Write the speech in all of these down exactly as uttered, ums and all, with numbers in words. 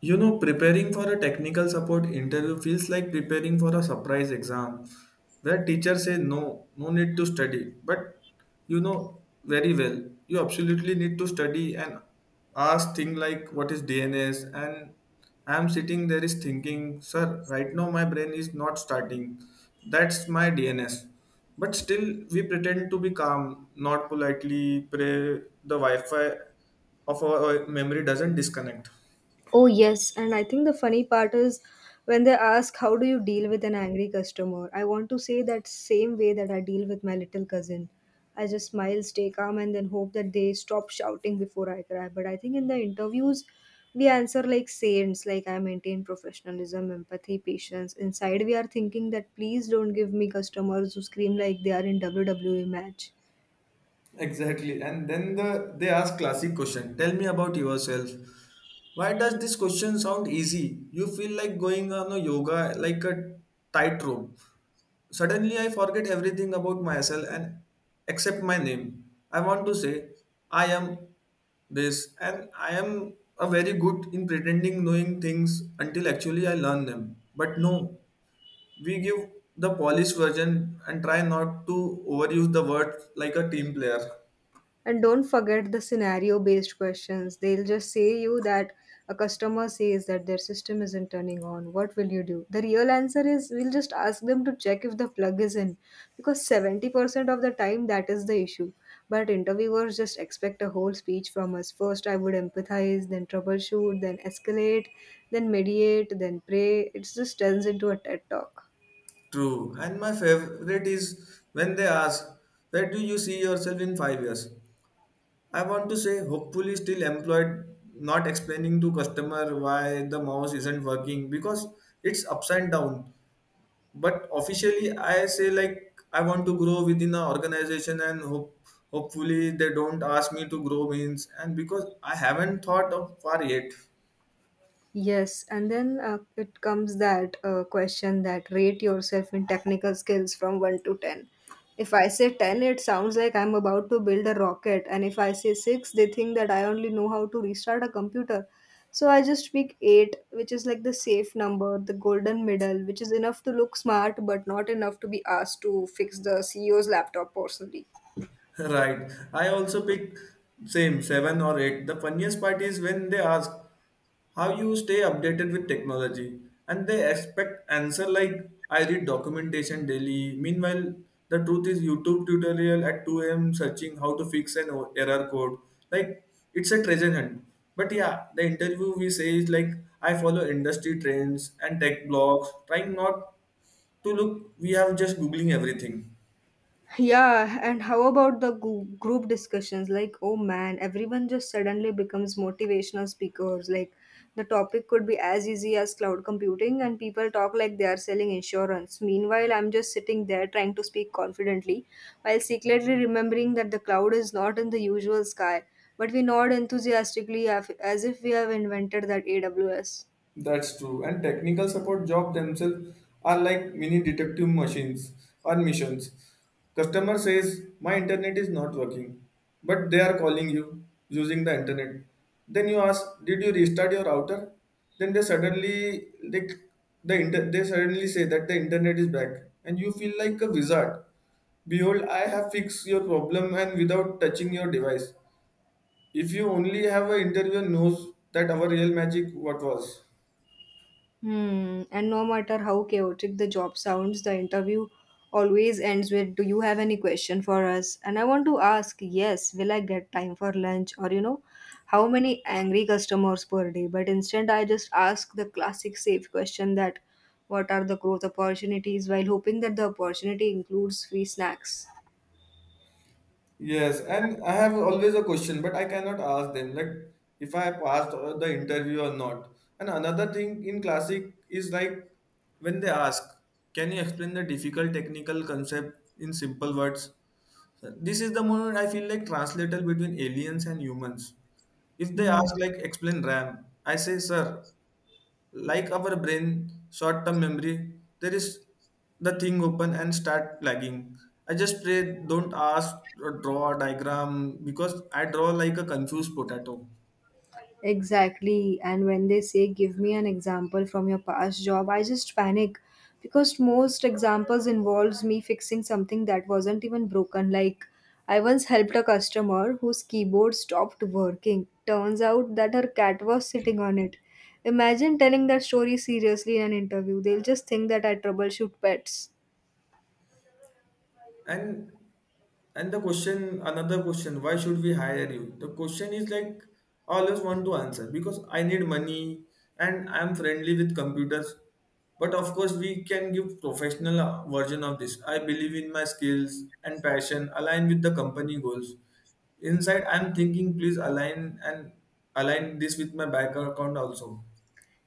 You know, preparing for a technical support interview feels like preparing for a surprise exam where teachers say no, no need to study. But you know very well, you absolutely need to study and ask things like what is D N S. And I am sitting there is thinking, sir, right now my brain is not starting. That's my D N S. But still we pretend to be calm, not politely pray the Wi-Fi of our memory doesn't disconnect. Oh, yes. And I think the funny part is when they ask, How do you deal with an angry customer? I want to say that same way that I deal with my little cousin. I just smile, stay calm, and then hope that they stop shouting before I cry. But I think in the interviews, we answer like saints, like I maintain professionalism, empathy, patience. Inside, we are thinking that please don't give me customers who scream like they are in W W E match. Exactly. And then the they ask classic question. Tell me about yourself. Why does this question sound easy? You feel like going on a yoga like a tightrope. Suddenly I forget everything about myself and accept my name. I want to say I am this and I am a very good in pretending knowing things until actually I learn them. But no, we give the polished version and try not to overuse the word like a team player. And don't forget the scenario based questions. They'll just say you that a customer says that their system isn't turning on. What will you do? The real answer is we'll just ask them to check if the plug is in because seventy percent of the time that is the issue. But interviewers just expect a whole speech from us. First, I would empathize, then troubleshoot, then escalate, then mediate, then pray. It just turns into a TED talk. True. And my favorite is when they ask, where do you see yourself in five years? I want to say, hopefully, still employed, not explaining to customer why the mouse isn't working because it's upside down. But officially, I say, like, I want to grow within an organization and hope. Hopefully they don't ask me to grow means and because I haven't thought of far yet. Yes, and then uh, it comes that uh, question that rate yourself in technical skills from one to ten. If I say ten, it sounds like I'm about to build a rocket, and if I say six, they think that I only know how to restart a computer. So I just pick eight, which is like the safe number, the golden middle, which is enough to look smart but not enough to be asked to fix the C E O's laptop personally. Right. I also pick same seven or eight. The funniest part is when they ask how you stay updated with technology and they expect answer like I read documentation daily. Meanwhile, the truth is YouTube tutorial at two a m searching how to fix an o- error code. Like it's a treasure hunt. But yeah, the interview we say is like I follow industry trends and tech blogs, trying not to look we have just googling everything. Yeah, and how about the gu- group discussions? Like, oh man, everyone just suddenly becomes motivational speakers. Like, the topic could be as easy as cloud computing, and people talk like they are selling insurance. Meanwhile, I'm just sitting there trying to speak confidently while secretly remembering that the cloud is not in the usual sky. But we nod enthusiastically af- as if we have invented that A W S. That's true. And technical support job themselves are like mini detective machines or missions. Customer says, my internet is not working, but they are calling you using the internet. Then you ask, did you restart your router? Then they suddenly they, the inter- they suddenly say that the internet is back and you feel like a wizard. Behold, I have fixed your problem and without touching your device. If you only have an interviewer knows that our real magic what was. Hmm. And no matter how chaotic the job sounds, the interview always ends with, Do you have any question for us? And I want to ask, Yes, will I get time for lunch? Or, you know, how many angry customers per day? But instead, I just ask the classic safe question that, What are the growth opportunities? While hoping that the opportunity includes free snacks. Yes, and I have always a question, but I cannot ask them like if I passed uh, the interview or not. And another thing in classic is like when they ask, can you explain the difficult technical concept in simple words? So this is the moment I feel like translator between aliens and humans. If they Hmm. ask like explain RAM, I say sir, like our brain short term memory there is the thing open and start lagging. I just pray don't ask or draw a diagram because I draw like a confused potato. Exactly. And when they say, give me an example from your past job, I just panic because most examples involves me fixing something that wasn't even broken. Like I once helped a customer whose keyboard stopped working. Turns out that her cat was sitting on it. Imagine telling that story seriously in an interview. They'll just think that I troubleshoot pets. And And the question, another question, why should we hire you? The question is like I always want to answer because I need money and I'm friendly with computers. But of course, we can give professional uh, version of this. I believe in my skills and passion align with the company goals. Inside, I'm thinking please align and align this with my bank account also.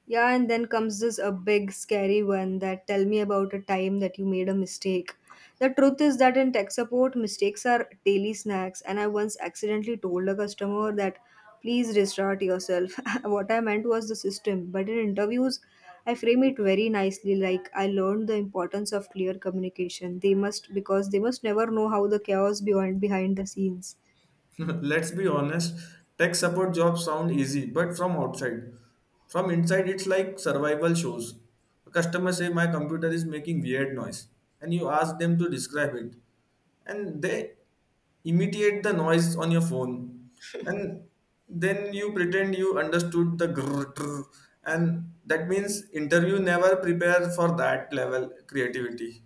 Yeah, and then comes this a big scary one that tell me about a time that you made a mistake. The truth is that in tech support, mistakes are daily snacks, and I once accidentally told a customer that please restart yourself. What I meant was the system, but in interviews, I frame it very nicely like I learned the importance of clear communication. They must because they must never know how the chaos behind behind the scenes. Let's be honest, tech support jobs sound easy, but from outside. From inside, it's like survival shows. A customer say my computer is making weird noise, and you ask them to describe it, and they imitate the noise on your phone, and then you pretend you understood the grrr, trrr, and that means interview never prepare for that level creativity.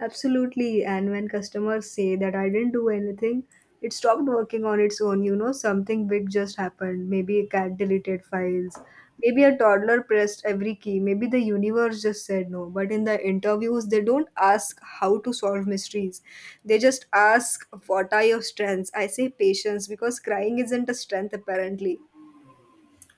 Absolutely. And when customers say that I didn't do anything, it stopped working on its own. You know, something big just happened. Maybe a cat deleted files. Maybe a toddler pressed every key. Maybe the universe just said no. But in the interviews, they don't ask how to solve mysteries. They just ask, What are your strengths? I say patience because crying isn't a strength, apparently.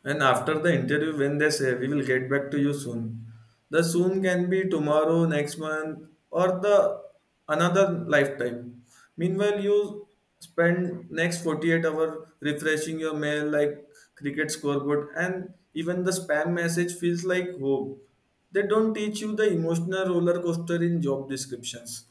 And after the interview, when they say we will get back to you soon, the soon can be tomorrow, next month, or the another lifetime. Meanwhile, you spend next forty-eight hour refreshing your mail like cricket scoreboard and even the spam message feels like hope. They don't teach you the emotional roller coaster in job descriptions.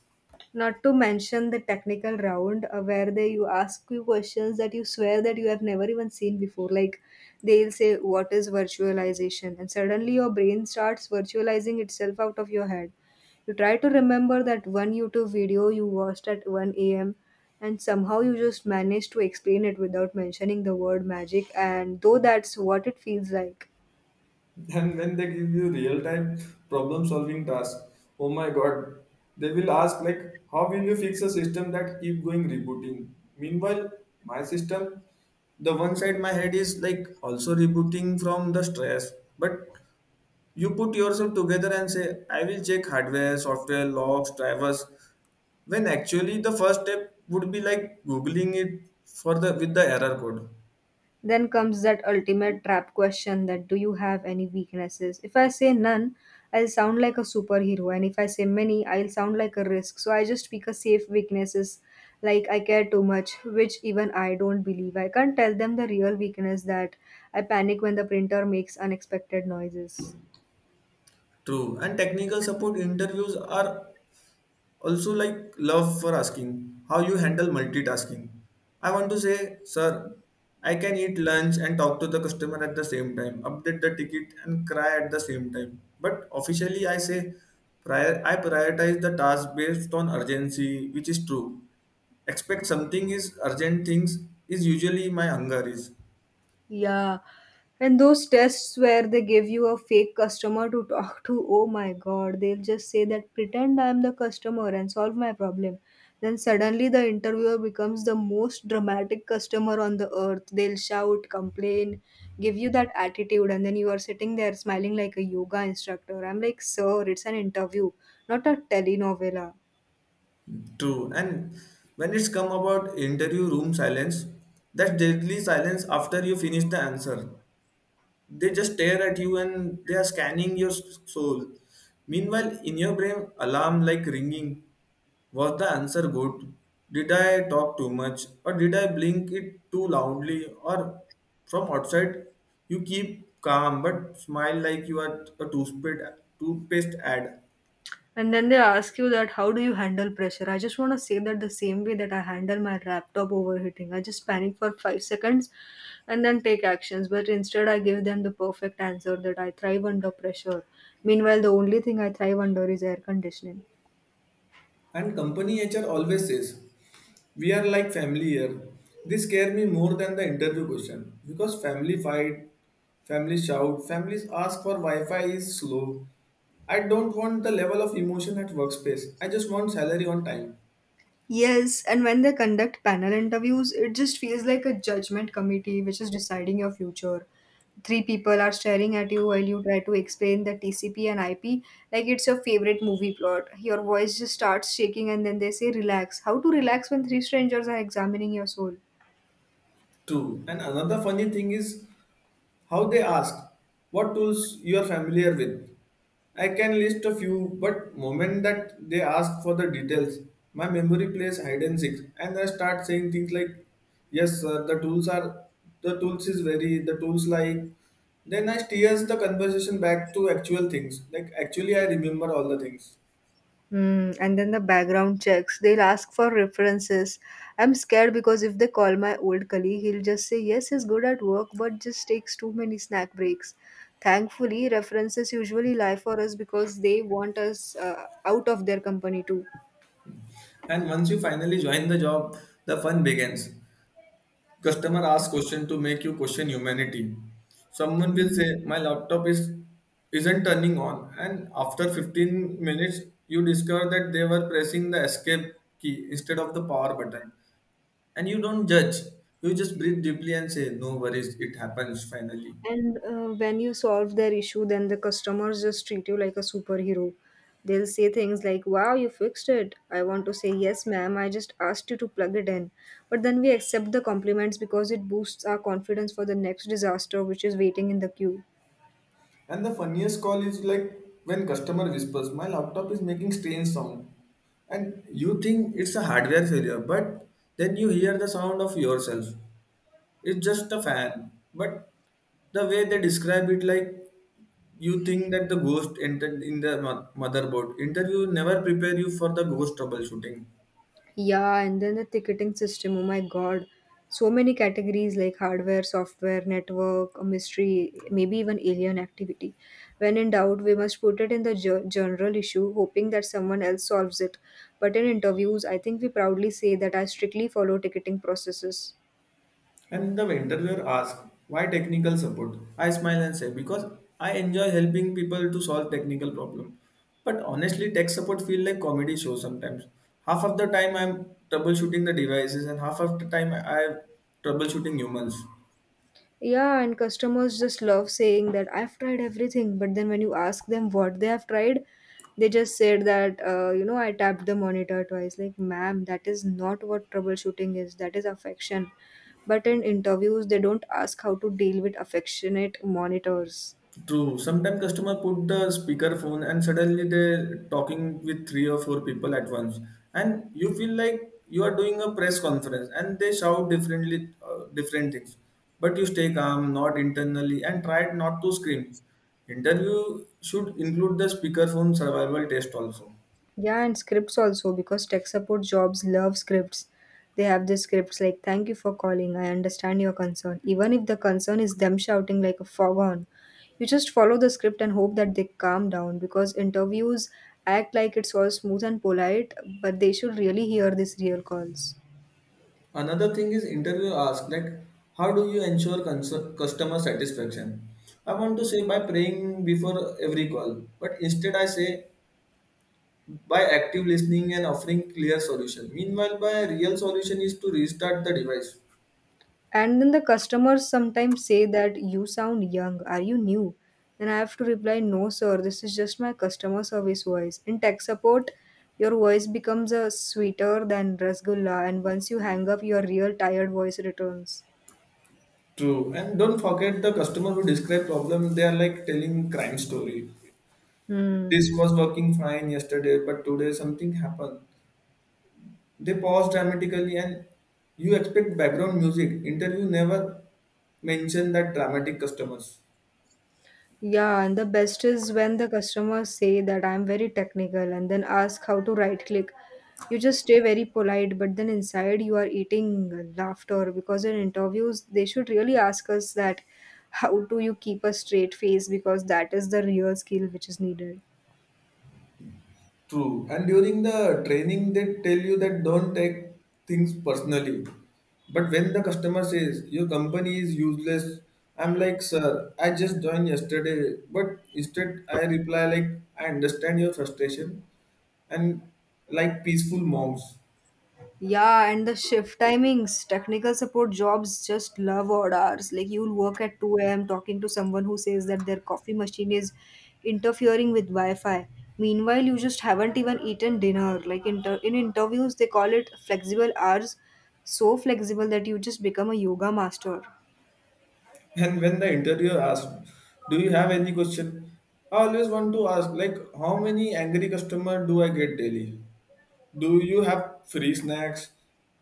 Not to mention the technical round uh, where they you ask you questions that you swear that you have never even seen before. Like they'll say, "What is virtualization?" and suddenly your brain starts virtualizing itself out of your head. You try to remember that one YouTube video you watched at one a m and somehow you just manage to explain it without mentioning the word magic. And though that's what it feels like. And when they give you real-time problem-solving tasks, oh my god, they will ask like, how will you fix a system that keep going rebooting? Meanwhile, my system, the one side my head is like also rebooting from the stress. But you put yourself together and say, I will check hardware, software, logs, drivers, when actually the first step would be like googling it for the with the error code. Then comes that ultimate trap question that do you have any weaknesses? If I say none, I'll sound like a superhero, and if I say many, I'll sound like a risk. So I just pick a safe weaknesses like I care too much, which even I don't believe. I can't tell them the real weakness that I panic when the printer makes unexpected noises. True. And technical support interviews are also, like love for asking how you handle multitasking. I want to say, sir, I can eat lunch and talk to the customer at the same time, update the ticket and cry at the same time. But officially, I say, prior, I prioritize the task based on urgency, which is true. Expect something is urgent things is usually my hunger is Yeah. And those tests where they give you a fake customer to talk to, oh my god, they'll just say that pretend I'm the customer and solve my problem. Then suddenly the interviewer becomes the most dramatic customer on the earth. They'll shout, complain, give you that attitude, and then you are sitting there smiling like a yoga instructor. I'm like, sir, it's an interview, not a telenovela. true. And when it's come about interview room silence, that deadly silence after you finish the answer, they just stare at you and they are scanning your s- soul. Meanwhile in your brain alarm like ringing. Was the answer good? Did I talk too much or did I blink it too loudly? Or from outside you keep calm but smile like you are a toothpaste toothpaste ad. And then they ask you that how do you handle pressure? I just want to say that the same way that I handle my laptop overheating. I just panic for five seconds and then take actions. But instead, I give them the perfect answer that I thrive under pressure. Meanwhile, the only thing I thrive under is air conditioning. And company H R always says, we are like family here. This scare me more than the interview question because family fight, family shout, families ask for Wi-Fi is slow. I don't want the level of emotion at workspace. I just want salary on time. Yes, and when they conduct panel interviews, it just feels like a judgment committee which is deciding your future. Three people are staring at you while you try to explain the T C P and I P like it's your favorite movie plot. Your voice just starts shaking, and then they say, Relax. How to relax when three strangers are examining your soul? True. And another funny thing is how they asked, what tools you are familiar with? I can list a few, but moment that they ask for the details, my memory plays hide and seek, and I start saying things like, "Yes, sir, the tools are the tools is very the tools like." Then I steers the conversation back to actual things, like actually I remember all the things. Hmm, and then the background checks. They'll ask for references. I'm scared because if they call my old colleague, he'll just say, Yes, he's good at work, but just takes too many snack breaks. Thankfully, references usually lie for us because they want us uh, out of their company too. And once you finally join the job, the fun begins. Customer asks question to make you question humanity. Someone will say, "My laptop is isn't turning on," and after fifteen minutes, you discover that they were pressing the escape key instead of the power button. And you don't judge. You just breathe deeply and say, "No worries, it happens finally." And uh, when you solve their issue, then the customers just treat you like a superhero. They'll say things like, Wow, you fixed it. I want to say, Yes, ma'am, I just asked you to plug it in. But then we accept the compliments because it boosts our confidence for the next disaster which is waiting in the queue. And the funniest call is like when customer whispers, "My laptop is making strange sound," and you think it's a hardware failure, but then you hear the sound of yourself. It's just a fan. But the way they describe it, like you think that the ghost entered in the mo- motherboard. Interview never prepare you for the ghost troubleshooting. Yeah, and then the ticketing system. Oh my god, so many categories like hardware, software, network, mystery, maybe even alien activity. When in doubt, we must put it in the ge- general issue, hoping that someone else solves it. But in interviews, I think we proudly say that I strictly follow ticketing processes. And the interviewer asks, why technical support? I smile and say, because I enjoy helping people to solve technical problem. But honestly, tech support feel like comedy show sometimes. Half of the time I'm troubleshooting the devices and half of the time I'm troubleshooting humans. Yeah, and customers just love saying that I've tried everything, but then when you ask them what they have tried, they just said that, uh, you know, I tapped the monitor twice. Like, ma'am, that is not what troubleshooting is, that is affection. But in interviews, they don't ask how to deal with affectionate monitors. True. Sometimes customer put the speaker phone and suddenly they talking with three or four people at once, and you feel like you are doing a press conference, and they shout differently, uh, different things. But you stay calm, not internally, and try not to scream. Interview should include the speaker phone survival test also. Yeah, and scripts also because tech support jobs love scripts. They have the scripts like "Thank you for calling. I understand your concern." Even if the concern is them shouting like a foghorn, you just follow the script and hope that they calm down because interviews act like it's all smooth and polite, but they should really hear these real calls. Another thing is interview ask like how do you ensure cons- customer satisfaction? I want to say by praying before every call, but instead I say by active listening and offering clear solution. Meanwhile, by real solution is to restart the device. And then the customers sometimes say that you sound young, are you new? Then I have to reply, no, sir, this is just my customer service voice. In tech support, your voice becomes a sweeter than Rasgulla, and once you hang up, your real tired voice returns. True. And don't forget the customer who describe problem, they are like telling crime story. Hmm. This was working fine yesterday, but today something happened. They pause dramatically and you expect background music. Interview never mention that dramatic customers. Yeah, and the best is when the customers say that I'm very technical and then ask how to right click. You just stay very polite, but then inside you are eating laughter because in interviews they should really ask us that how do you keep a straight face because that is the real skill which is needed. True. And during the training, they tell you that don't take things personally. But when the customer says your company is useless, I'm like, sir, I just joined yesterday. But instead, I reply like, I understand your frustration, and like peaceful monks. Yeah, and the shift timings, technical support jobs just love odd hours. Like you'll work at two a m talking to someone who says that their coffee machine is interfering with Wi-Fi. Meanwhile, you just haven't even eaten dinner. Like inter- in interviews, they call it flexible hours, so flexible that you just become a yoga master. And when the interviewer asks, do you have any question? I always want to ask, like, how many angry customer do I get daily? Do you have free snacks?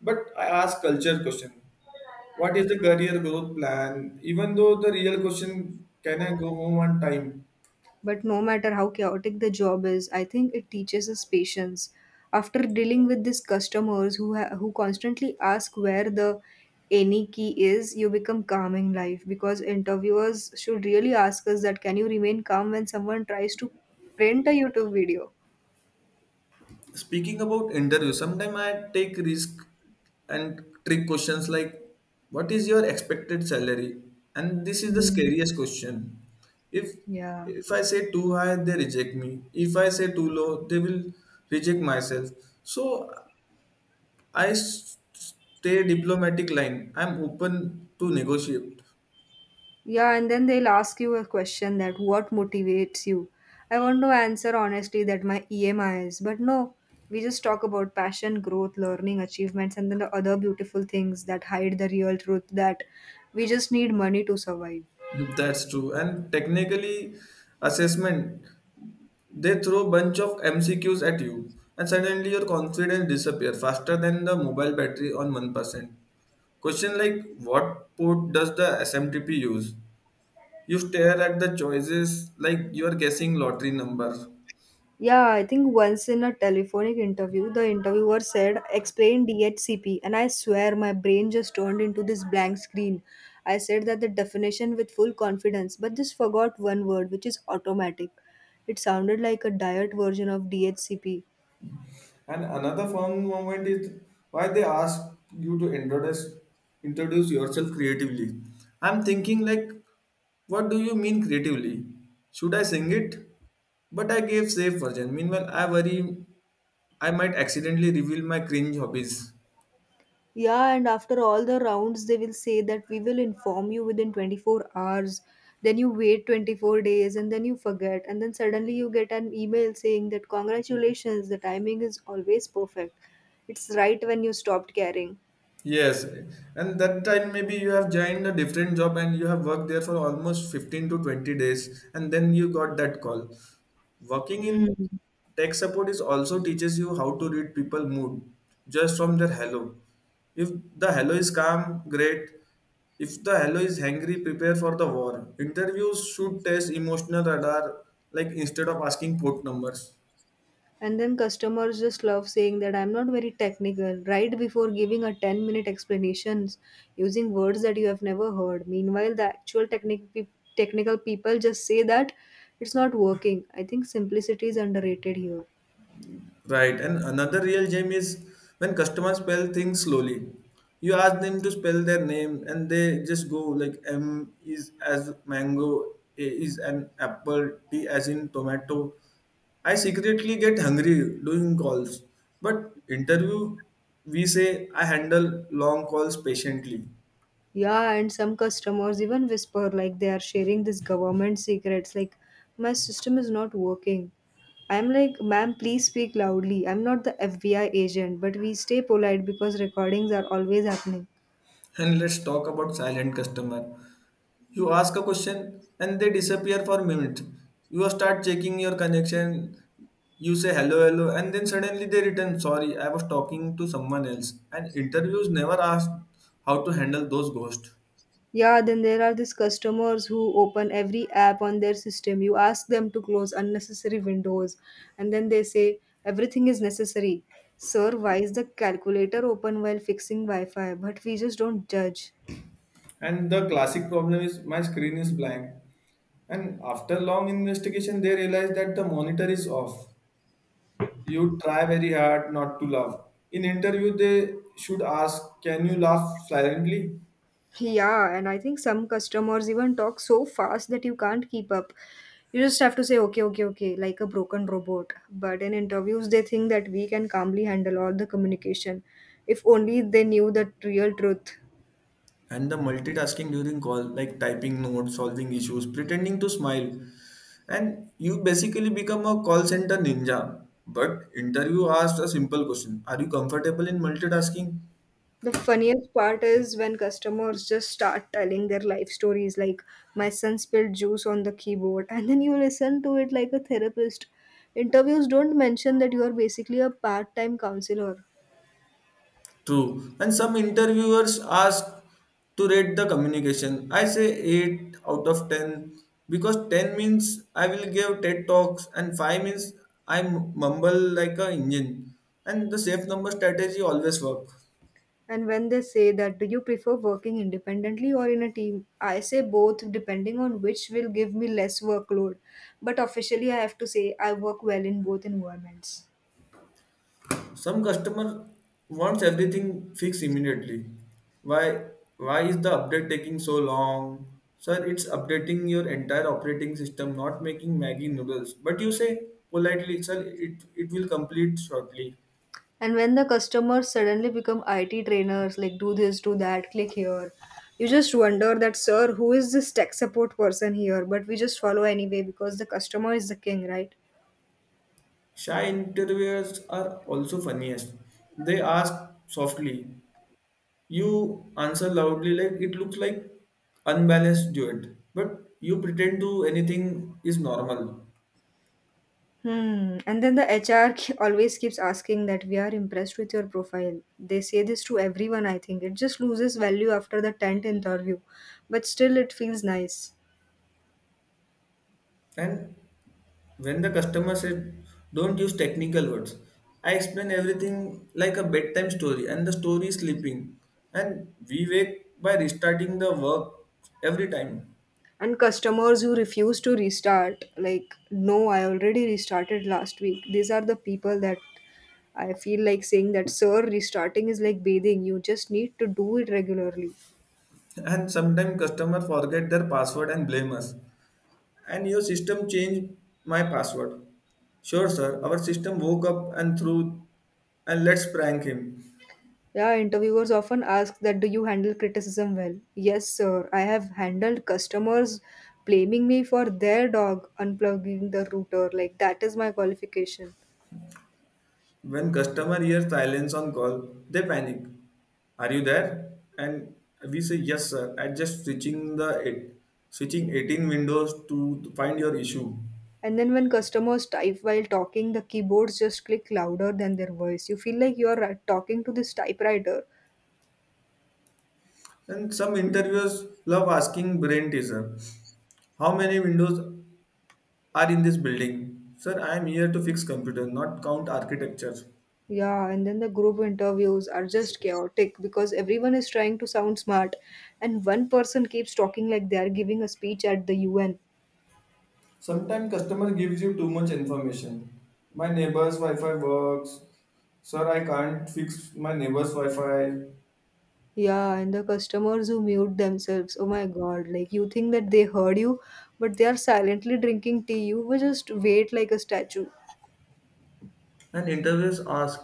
But I ask culture question, what is the career growth plan? Even though the real question, can I go home on time? But no matter how chaotic the job is, I think it teaches us patience. After dealing with these customers who ha- who constantly ask where the any key is, you become calm in life because interviewers should really ask us that can you remain calm when someone tries to print a YouTube video? Speaking about interview, sometimes I take risk and trick questions like, what is your expected salary? And this is the Mm. scariest question. If Yeah. if I say too high, they reject me. If I say too low, they will reject myself. So I s- stay diplomatic line. I'm open to negotiate. Yeah, and then they'll ask you a question that what motivates you. I want to answer honestly that my E M I is, but no, we just talk about passion, growth, learning, achievements, and then the other beautiful things that hide the real truth that we just need money to survive. That's true. And technically, assessment they throw bunch of M C Qs at you, and suddenly your confidence disappear faster than the mobile battery on one percent. Question like what port does the S M T P use? You stare at the choices like you are guessing lottery number. Yeah, I think once in a telephonic interview, the interviewer said, explain D H C P, and I swear my brain just turned into this blank screen. I said that the definition with full confidence, but just forgot one word, which is automatic. It sounded like a diet version of D H C P. And another fun moment is why they ask you to introduce introduce yourself creatively. I'm thinking like, what do you mean creatively? Should I sing it? But I gave safe version. Meanwhile, I worry I might accidentally reveal my cringe hobbies. Yeah, and after all the rounds, they will say that we will inform you within twenty-four hours. Then you wait twenty-four days and then you forget. And then suddenly you get an email saying that congratulations, the timing is always perfect. It's right when you stopped caring. Yes, and that time maybe you have joined a different job and you have worked there for almost fifteen to twenty days, and then you got that call. Working in Hmm. tech support is also teaches you how to read people mood just from their hello. If the hello is calm, great. If the hello is hangry, prepare for the war. Interviews should test emotional radar, like instead of asking port numbers. And then customers just love saying that I'm not very technical, right before giving a ten minute explanations using words that you have never heard. Meanwhile, the actual technic- pe- technical people just say that it's not working. I think simplicity is underrated here. Right, and another real gem is when customers spell things slowly. You ask them to spell their name, and they just go like M is as mango, A is an apple, T as in tomato. I secretly get hungry doing calls, but interview we say I handle long calls patiently. Yeah, and some customers even whisper like they are sharing this government secrets, like my system is not working. I'm like, ma'am, please speak loudly. I'm not the F B I agent, but we stay polite because recordings are always happening. And let's talk about silent customer. You ask a question and they disappear for minutes. You start checking your connection. You say hello, hello, and then suddenly they return. Sorry, I was talking to someone else. And interviews never ask how to handle those ghosts. Yeah, then there are these customers who open every app on their system. You ask them to close unnecessary windows, and then they say everything is necessary. Sir, why is the calculator open while fixing Wi Fi? But we just don't judge. And the classic problem is my screen is blank. And after long investigation, they realize that the monitor is off. You try very hard not to laugh. In interview, they should ask, "Can you laugh silently?" Yeah, and I think some customers even talk so fast that you can't keep up. You just have to say, okay, okay, okay, like a broken robot. But in interviews, they think that we can calmly handle all the communication if only they knew the real truth. And the multitasking during call, like typing notes, solving issues, pretending to smile, and you basically become a call center ninja. But interview asked a simple question, are you comfortable in multitasking? The funniest part is when customers just start telling their life stories like my son spilled juice on the keyboard and then you listen to it like a therapist. Interviews don't mention that you are basically a part-time counselor. True, and some interviewers ask to rate the communication. I say eight out of ten, because ten means I will give ted talks and five means I mumble like a engine. And the safe number strategy always work. And when they say that do you prefer working independently or in a team? I say both depending on which will give me less workload. But officially I have to say I work well in both environments. Some customer wants everything fixed immediately. Why why is the update taking so long? Sir, it's updating your entire operating system, not making Maggie noodles. But you say politely, sir, it, it will complete shortly. And when the customers suddenly become I T trainers, like do this, do that, click here, you just wonder that, sir, who is this tech support person here? But we just follow anyway because the customer is the king, right? Shy interviewers are also funniest. They ask softly. You answer loudly like it looks like unbalanced duet. But you pretend to anything is normal. Hmm. And then the H R ke- always keeps asking that we are impressed with your profile. They say this to everyone, I think. It just loses value after the tenth interview, but still it feels nice. And when the customer said, don't use technical words, I explain everything like a bedtime story, and the story is sleeping. And we wake by restarting the work every time. And customers who refuse to restart like, no, I already restarted last week. These are the people that I feel like saying that, sir, restarting is like bathing. You just need to do it regularly. And sometimes customer forget their password and blame us. And your system changed my password. Sure, sir. Our system woke up and threw, and let's prank him. Yeah, interviewers often ask that do you handle criticism well. Yes, sir, I have handled customers blaming me for their dog unplugging the router. Like that is my qualification. When customer hears silence on call, they panic. Are you there? And we say yes, sir. I just switching the eight, switching eighteen windows to to find your issue. And then when customers type while talking, the keyboards just click louder than their voice. You feel like you're uh, talking to this typewriter. And some interviewers love asking brain teaser. How many windows are in this building? Sir, I am here to fix computer, not count architecture. Yeah, and then the group interviews are just chaotic because everyone is trying to sound smart, and one person keeps talking like they are giving a speech at the U N. Sometimes customer gives you too much information. My neighbor's Wi-Fi works. Sir, I can't fix my neighbor's Wi-Fi. Yeah, and the customers who mute themselves. Oh my god, like you think that they heard you, but they are silently drinking tea. You will just wait like a statue. And interviewers ask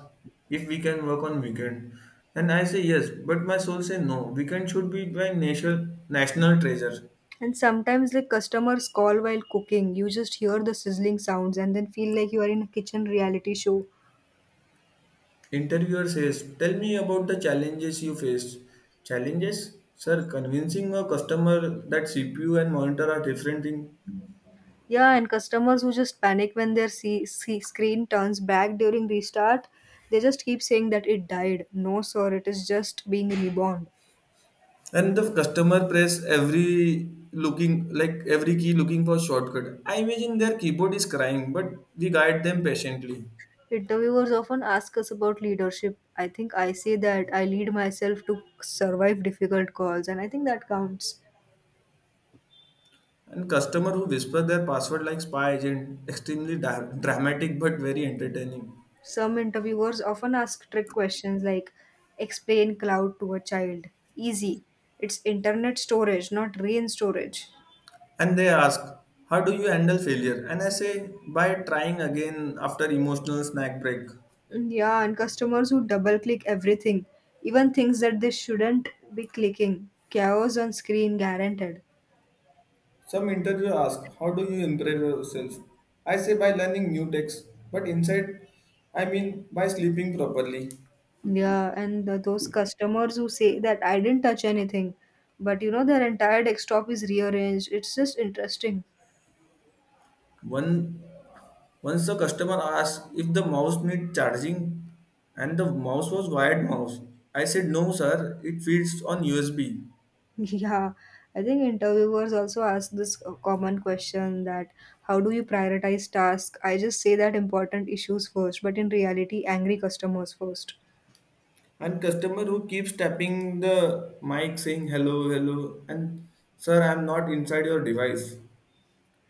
if we can work on weekend. And I say yes, but my soul says no. Weekend should be my national national treasure. And sometimes like customers call while cooking. You just hear the sizzling sounds and then feel like you are in a kitchen reality show. Interviewer says, tell me about the challenges you faced. Challenges? Sir, convincing a customer that C P U and monitor are different thing. Yeah, and customers who just panic when their see, see screen turns back during restart, they just keep saying that it died. No, sir, it is just being reborn. And the customer press every looking like every key looking for shortcut. I imagine their keyboard is crying, but we guide them patiently. Interviewers often ask us about leadership. I think I say that I lead myself to survive difficult calls, and I think that counts. And customer who whisper their password like spy agent, extremely dra- dramatic but very entertaining. Some interviewers often ask trick questions like explain cloud to a child. Easy. It's internet storage, not rain storage. And they ask, "How do you handle failure?" And I say, "By trying again after emotional snack break." Mm, yeah, and customers who double click everything, even things that they shouldn't be clicking. Chaos on screen guaranteed. Some interview ask, "How do you improve yourself?" I say, "By learning new tricks." But inside, I mean by sleeping properly. Yeah, and the, those customers who say that I didn't touch anything, but you know, their entire desktop is rearranged. It's just interesting. One once the customer asked if the mouse needs charging, and the mouse was wired mouse. I said, no, sir, it feeds on U S B. Yeah, I think interviewers also ask this uh, common question that how do you prioritize tasks? I just say that important issues first, but in reality, angry customers first. And customer who keeps tapping the mic saying hello, hello. And sir, I'm not inside your device.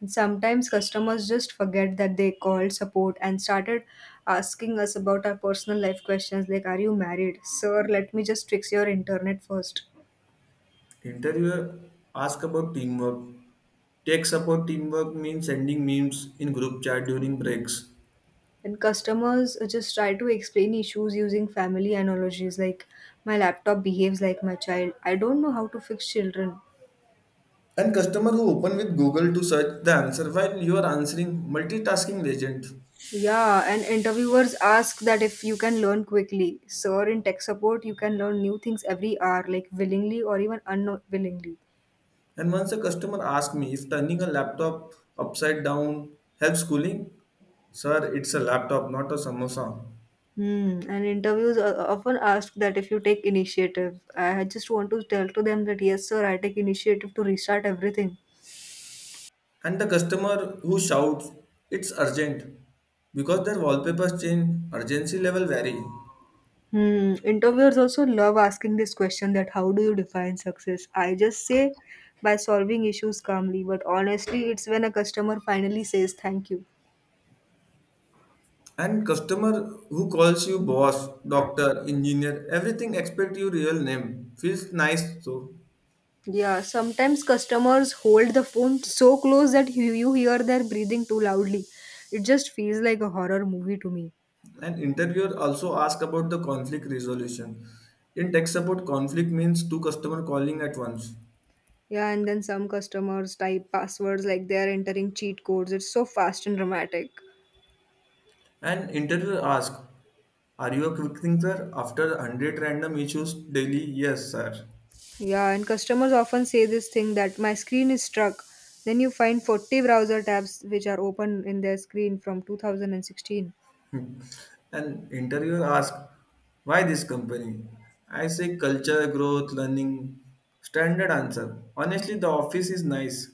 And sometimes customers just forget that they called support and started asking us about our personal life questions like, are you married? Sir, let me just fix your internet first. Interviewer ask about teamwork. Tech support teamwork means sending memes in group chat during breaks. And customers just try to explain issues using family analogies like, my laptop behaves like my child. I don't know how to fix children. And customer who open with google to search the answer while you are answering, multitasking legend. Yeah, and interviewers ask that if you can learn quickly. Sir, in tech support, you can learn new things every hour, like willingly or even unwillingly. And once a customer asked me if turning a laptop upside down helps cooling. Sir, it's a laptop, not a samosa. Hmm. And interviews o- often ask that if you take initiative. I just want to tell to them that, yes, sir, I take initiative to restart everything. And the customer who shouts, it's urgent, because their wallpapers change, urgency level vary. Hmm. Interviewers also love asking this question that how do you define success? I just say by solving issues calmly, but honestly, it's when a customer finally says thank you. And customer who calls you boss, doctor, engineer, everything expect your real name. Feels nice too. Yeah, sometimes customers hold the phone so close that you, you hear their breathing too loudly. It just feels like a horror movie to me. And interviewer also ask about the conflict resolution. In tech support, conflict means two customer calling at once. Yeah, and then some customers type passwords like they are entering cheat codes. It's so fast and dramatic. And interviewer ask, are you a quick thinker after one hundred random issues daily? Yes, sir. Yeah, and customers often say this thing that my screen is stuck. Then you find forty browser tabs which are open in their screen from two thousand sixteen. And interviewer asks, why this company? I say culture, growth, learning. Standard answer. Honestly, the office is nice.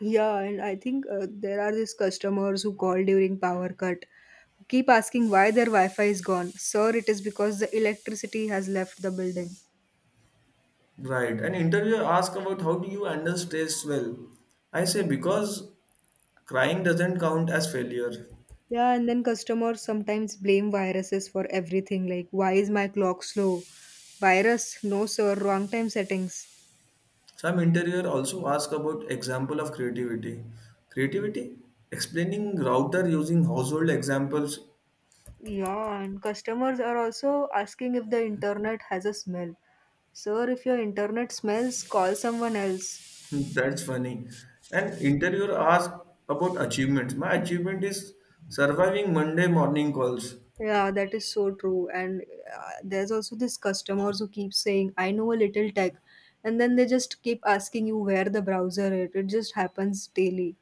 Yeah, and I think uh, there are these customers who call during power cut who keep asking why their Wi-Fi is gone. Sir, it is because the electricity has left the building. Right. And interviewer asks about how do you handle stress well. I say because crying doesn't count as failure. Yeah, and then customers sometimes blame viruses for everything. Like, why is my clock slow? Virus? No, sir. Wrong time settings. Some interviewer also ask about example of creativity. Creativity? Explaining router using household examples. Yeah, and customers are also asking if the internet has a smell. Sir, if your internet smells, call someone else. That's funny. And interviewer asked about achievements. My achievement is surviving Monday morning calls. Yeah, that is so true. And uh, there's also this customers who keep saying, "I know a little tech," and then they just keep asking you where the browser is. It just happens daily.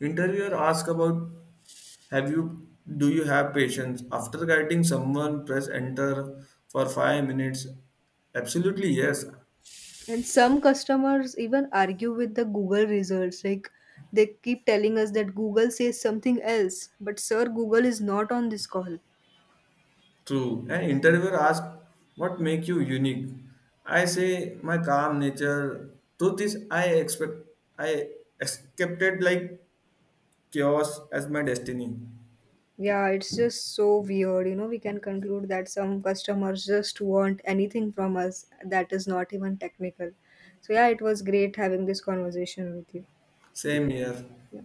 Interviewer asked about have you do you have patience? After guiding someone, press enter for five minutes. Absolutely yes. And some customers even argue with the Google results. Like they keep telling us that Google says something else, but sir, Google is not on this call. True. And interviewer asked what make you unique? I say my calm nature. Truth is I expect I accepted like chaos as my destiny. Yeah, it's just so weird. You know, we can conclude that some customers just want anything from us that is not even technical. So yeah, it was great having this conversation with you. Same here. Yeah.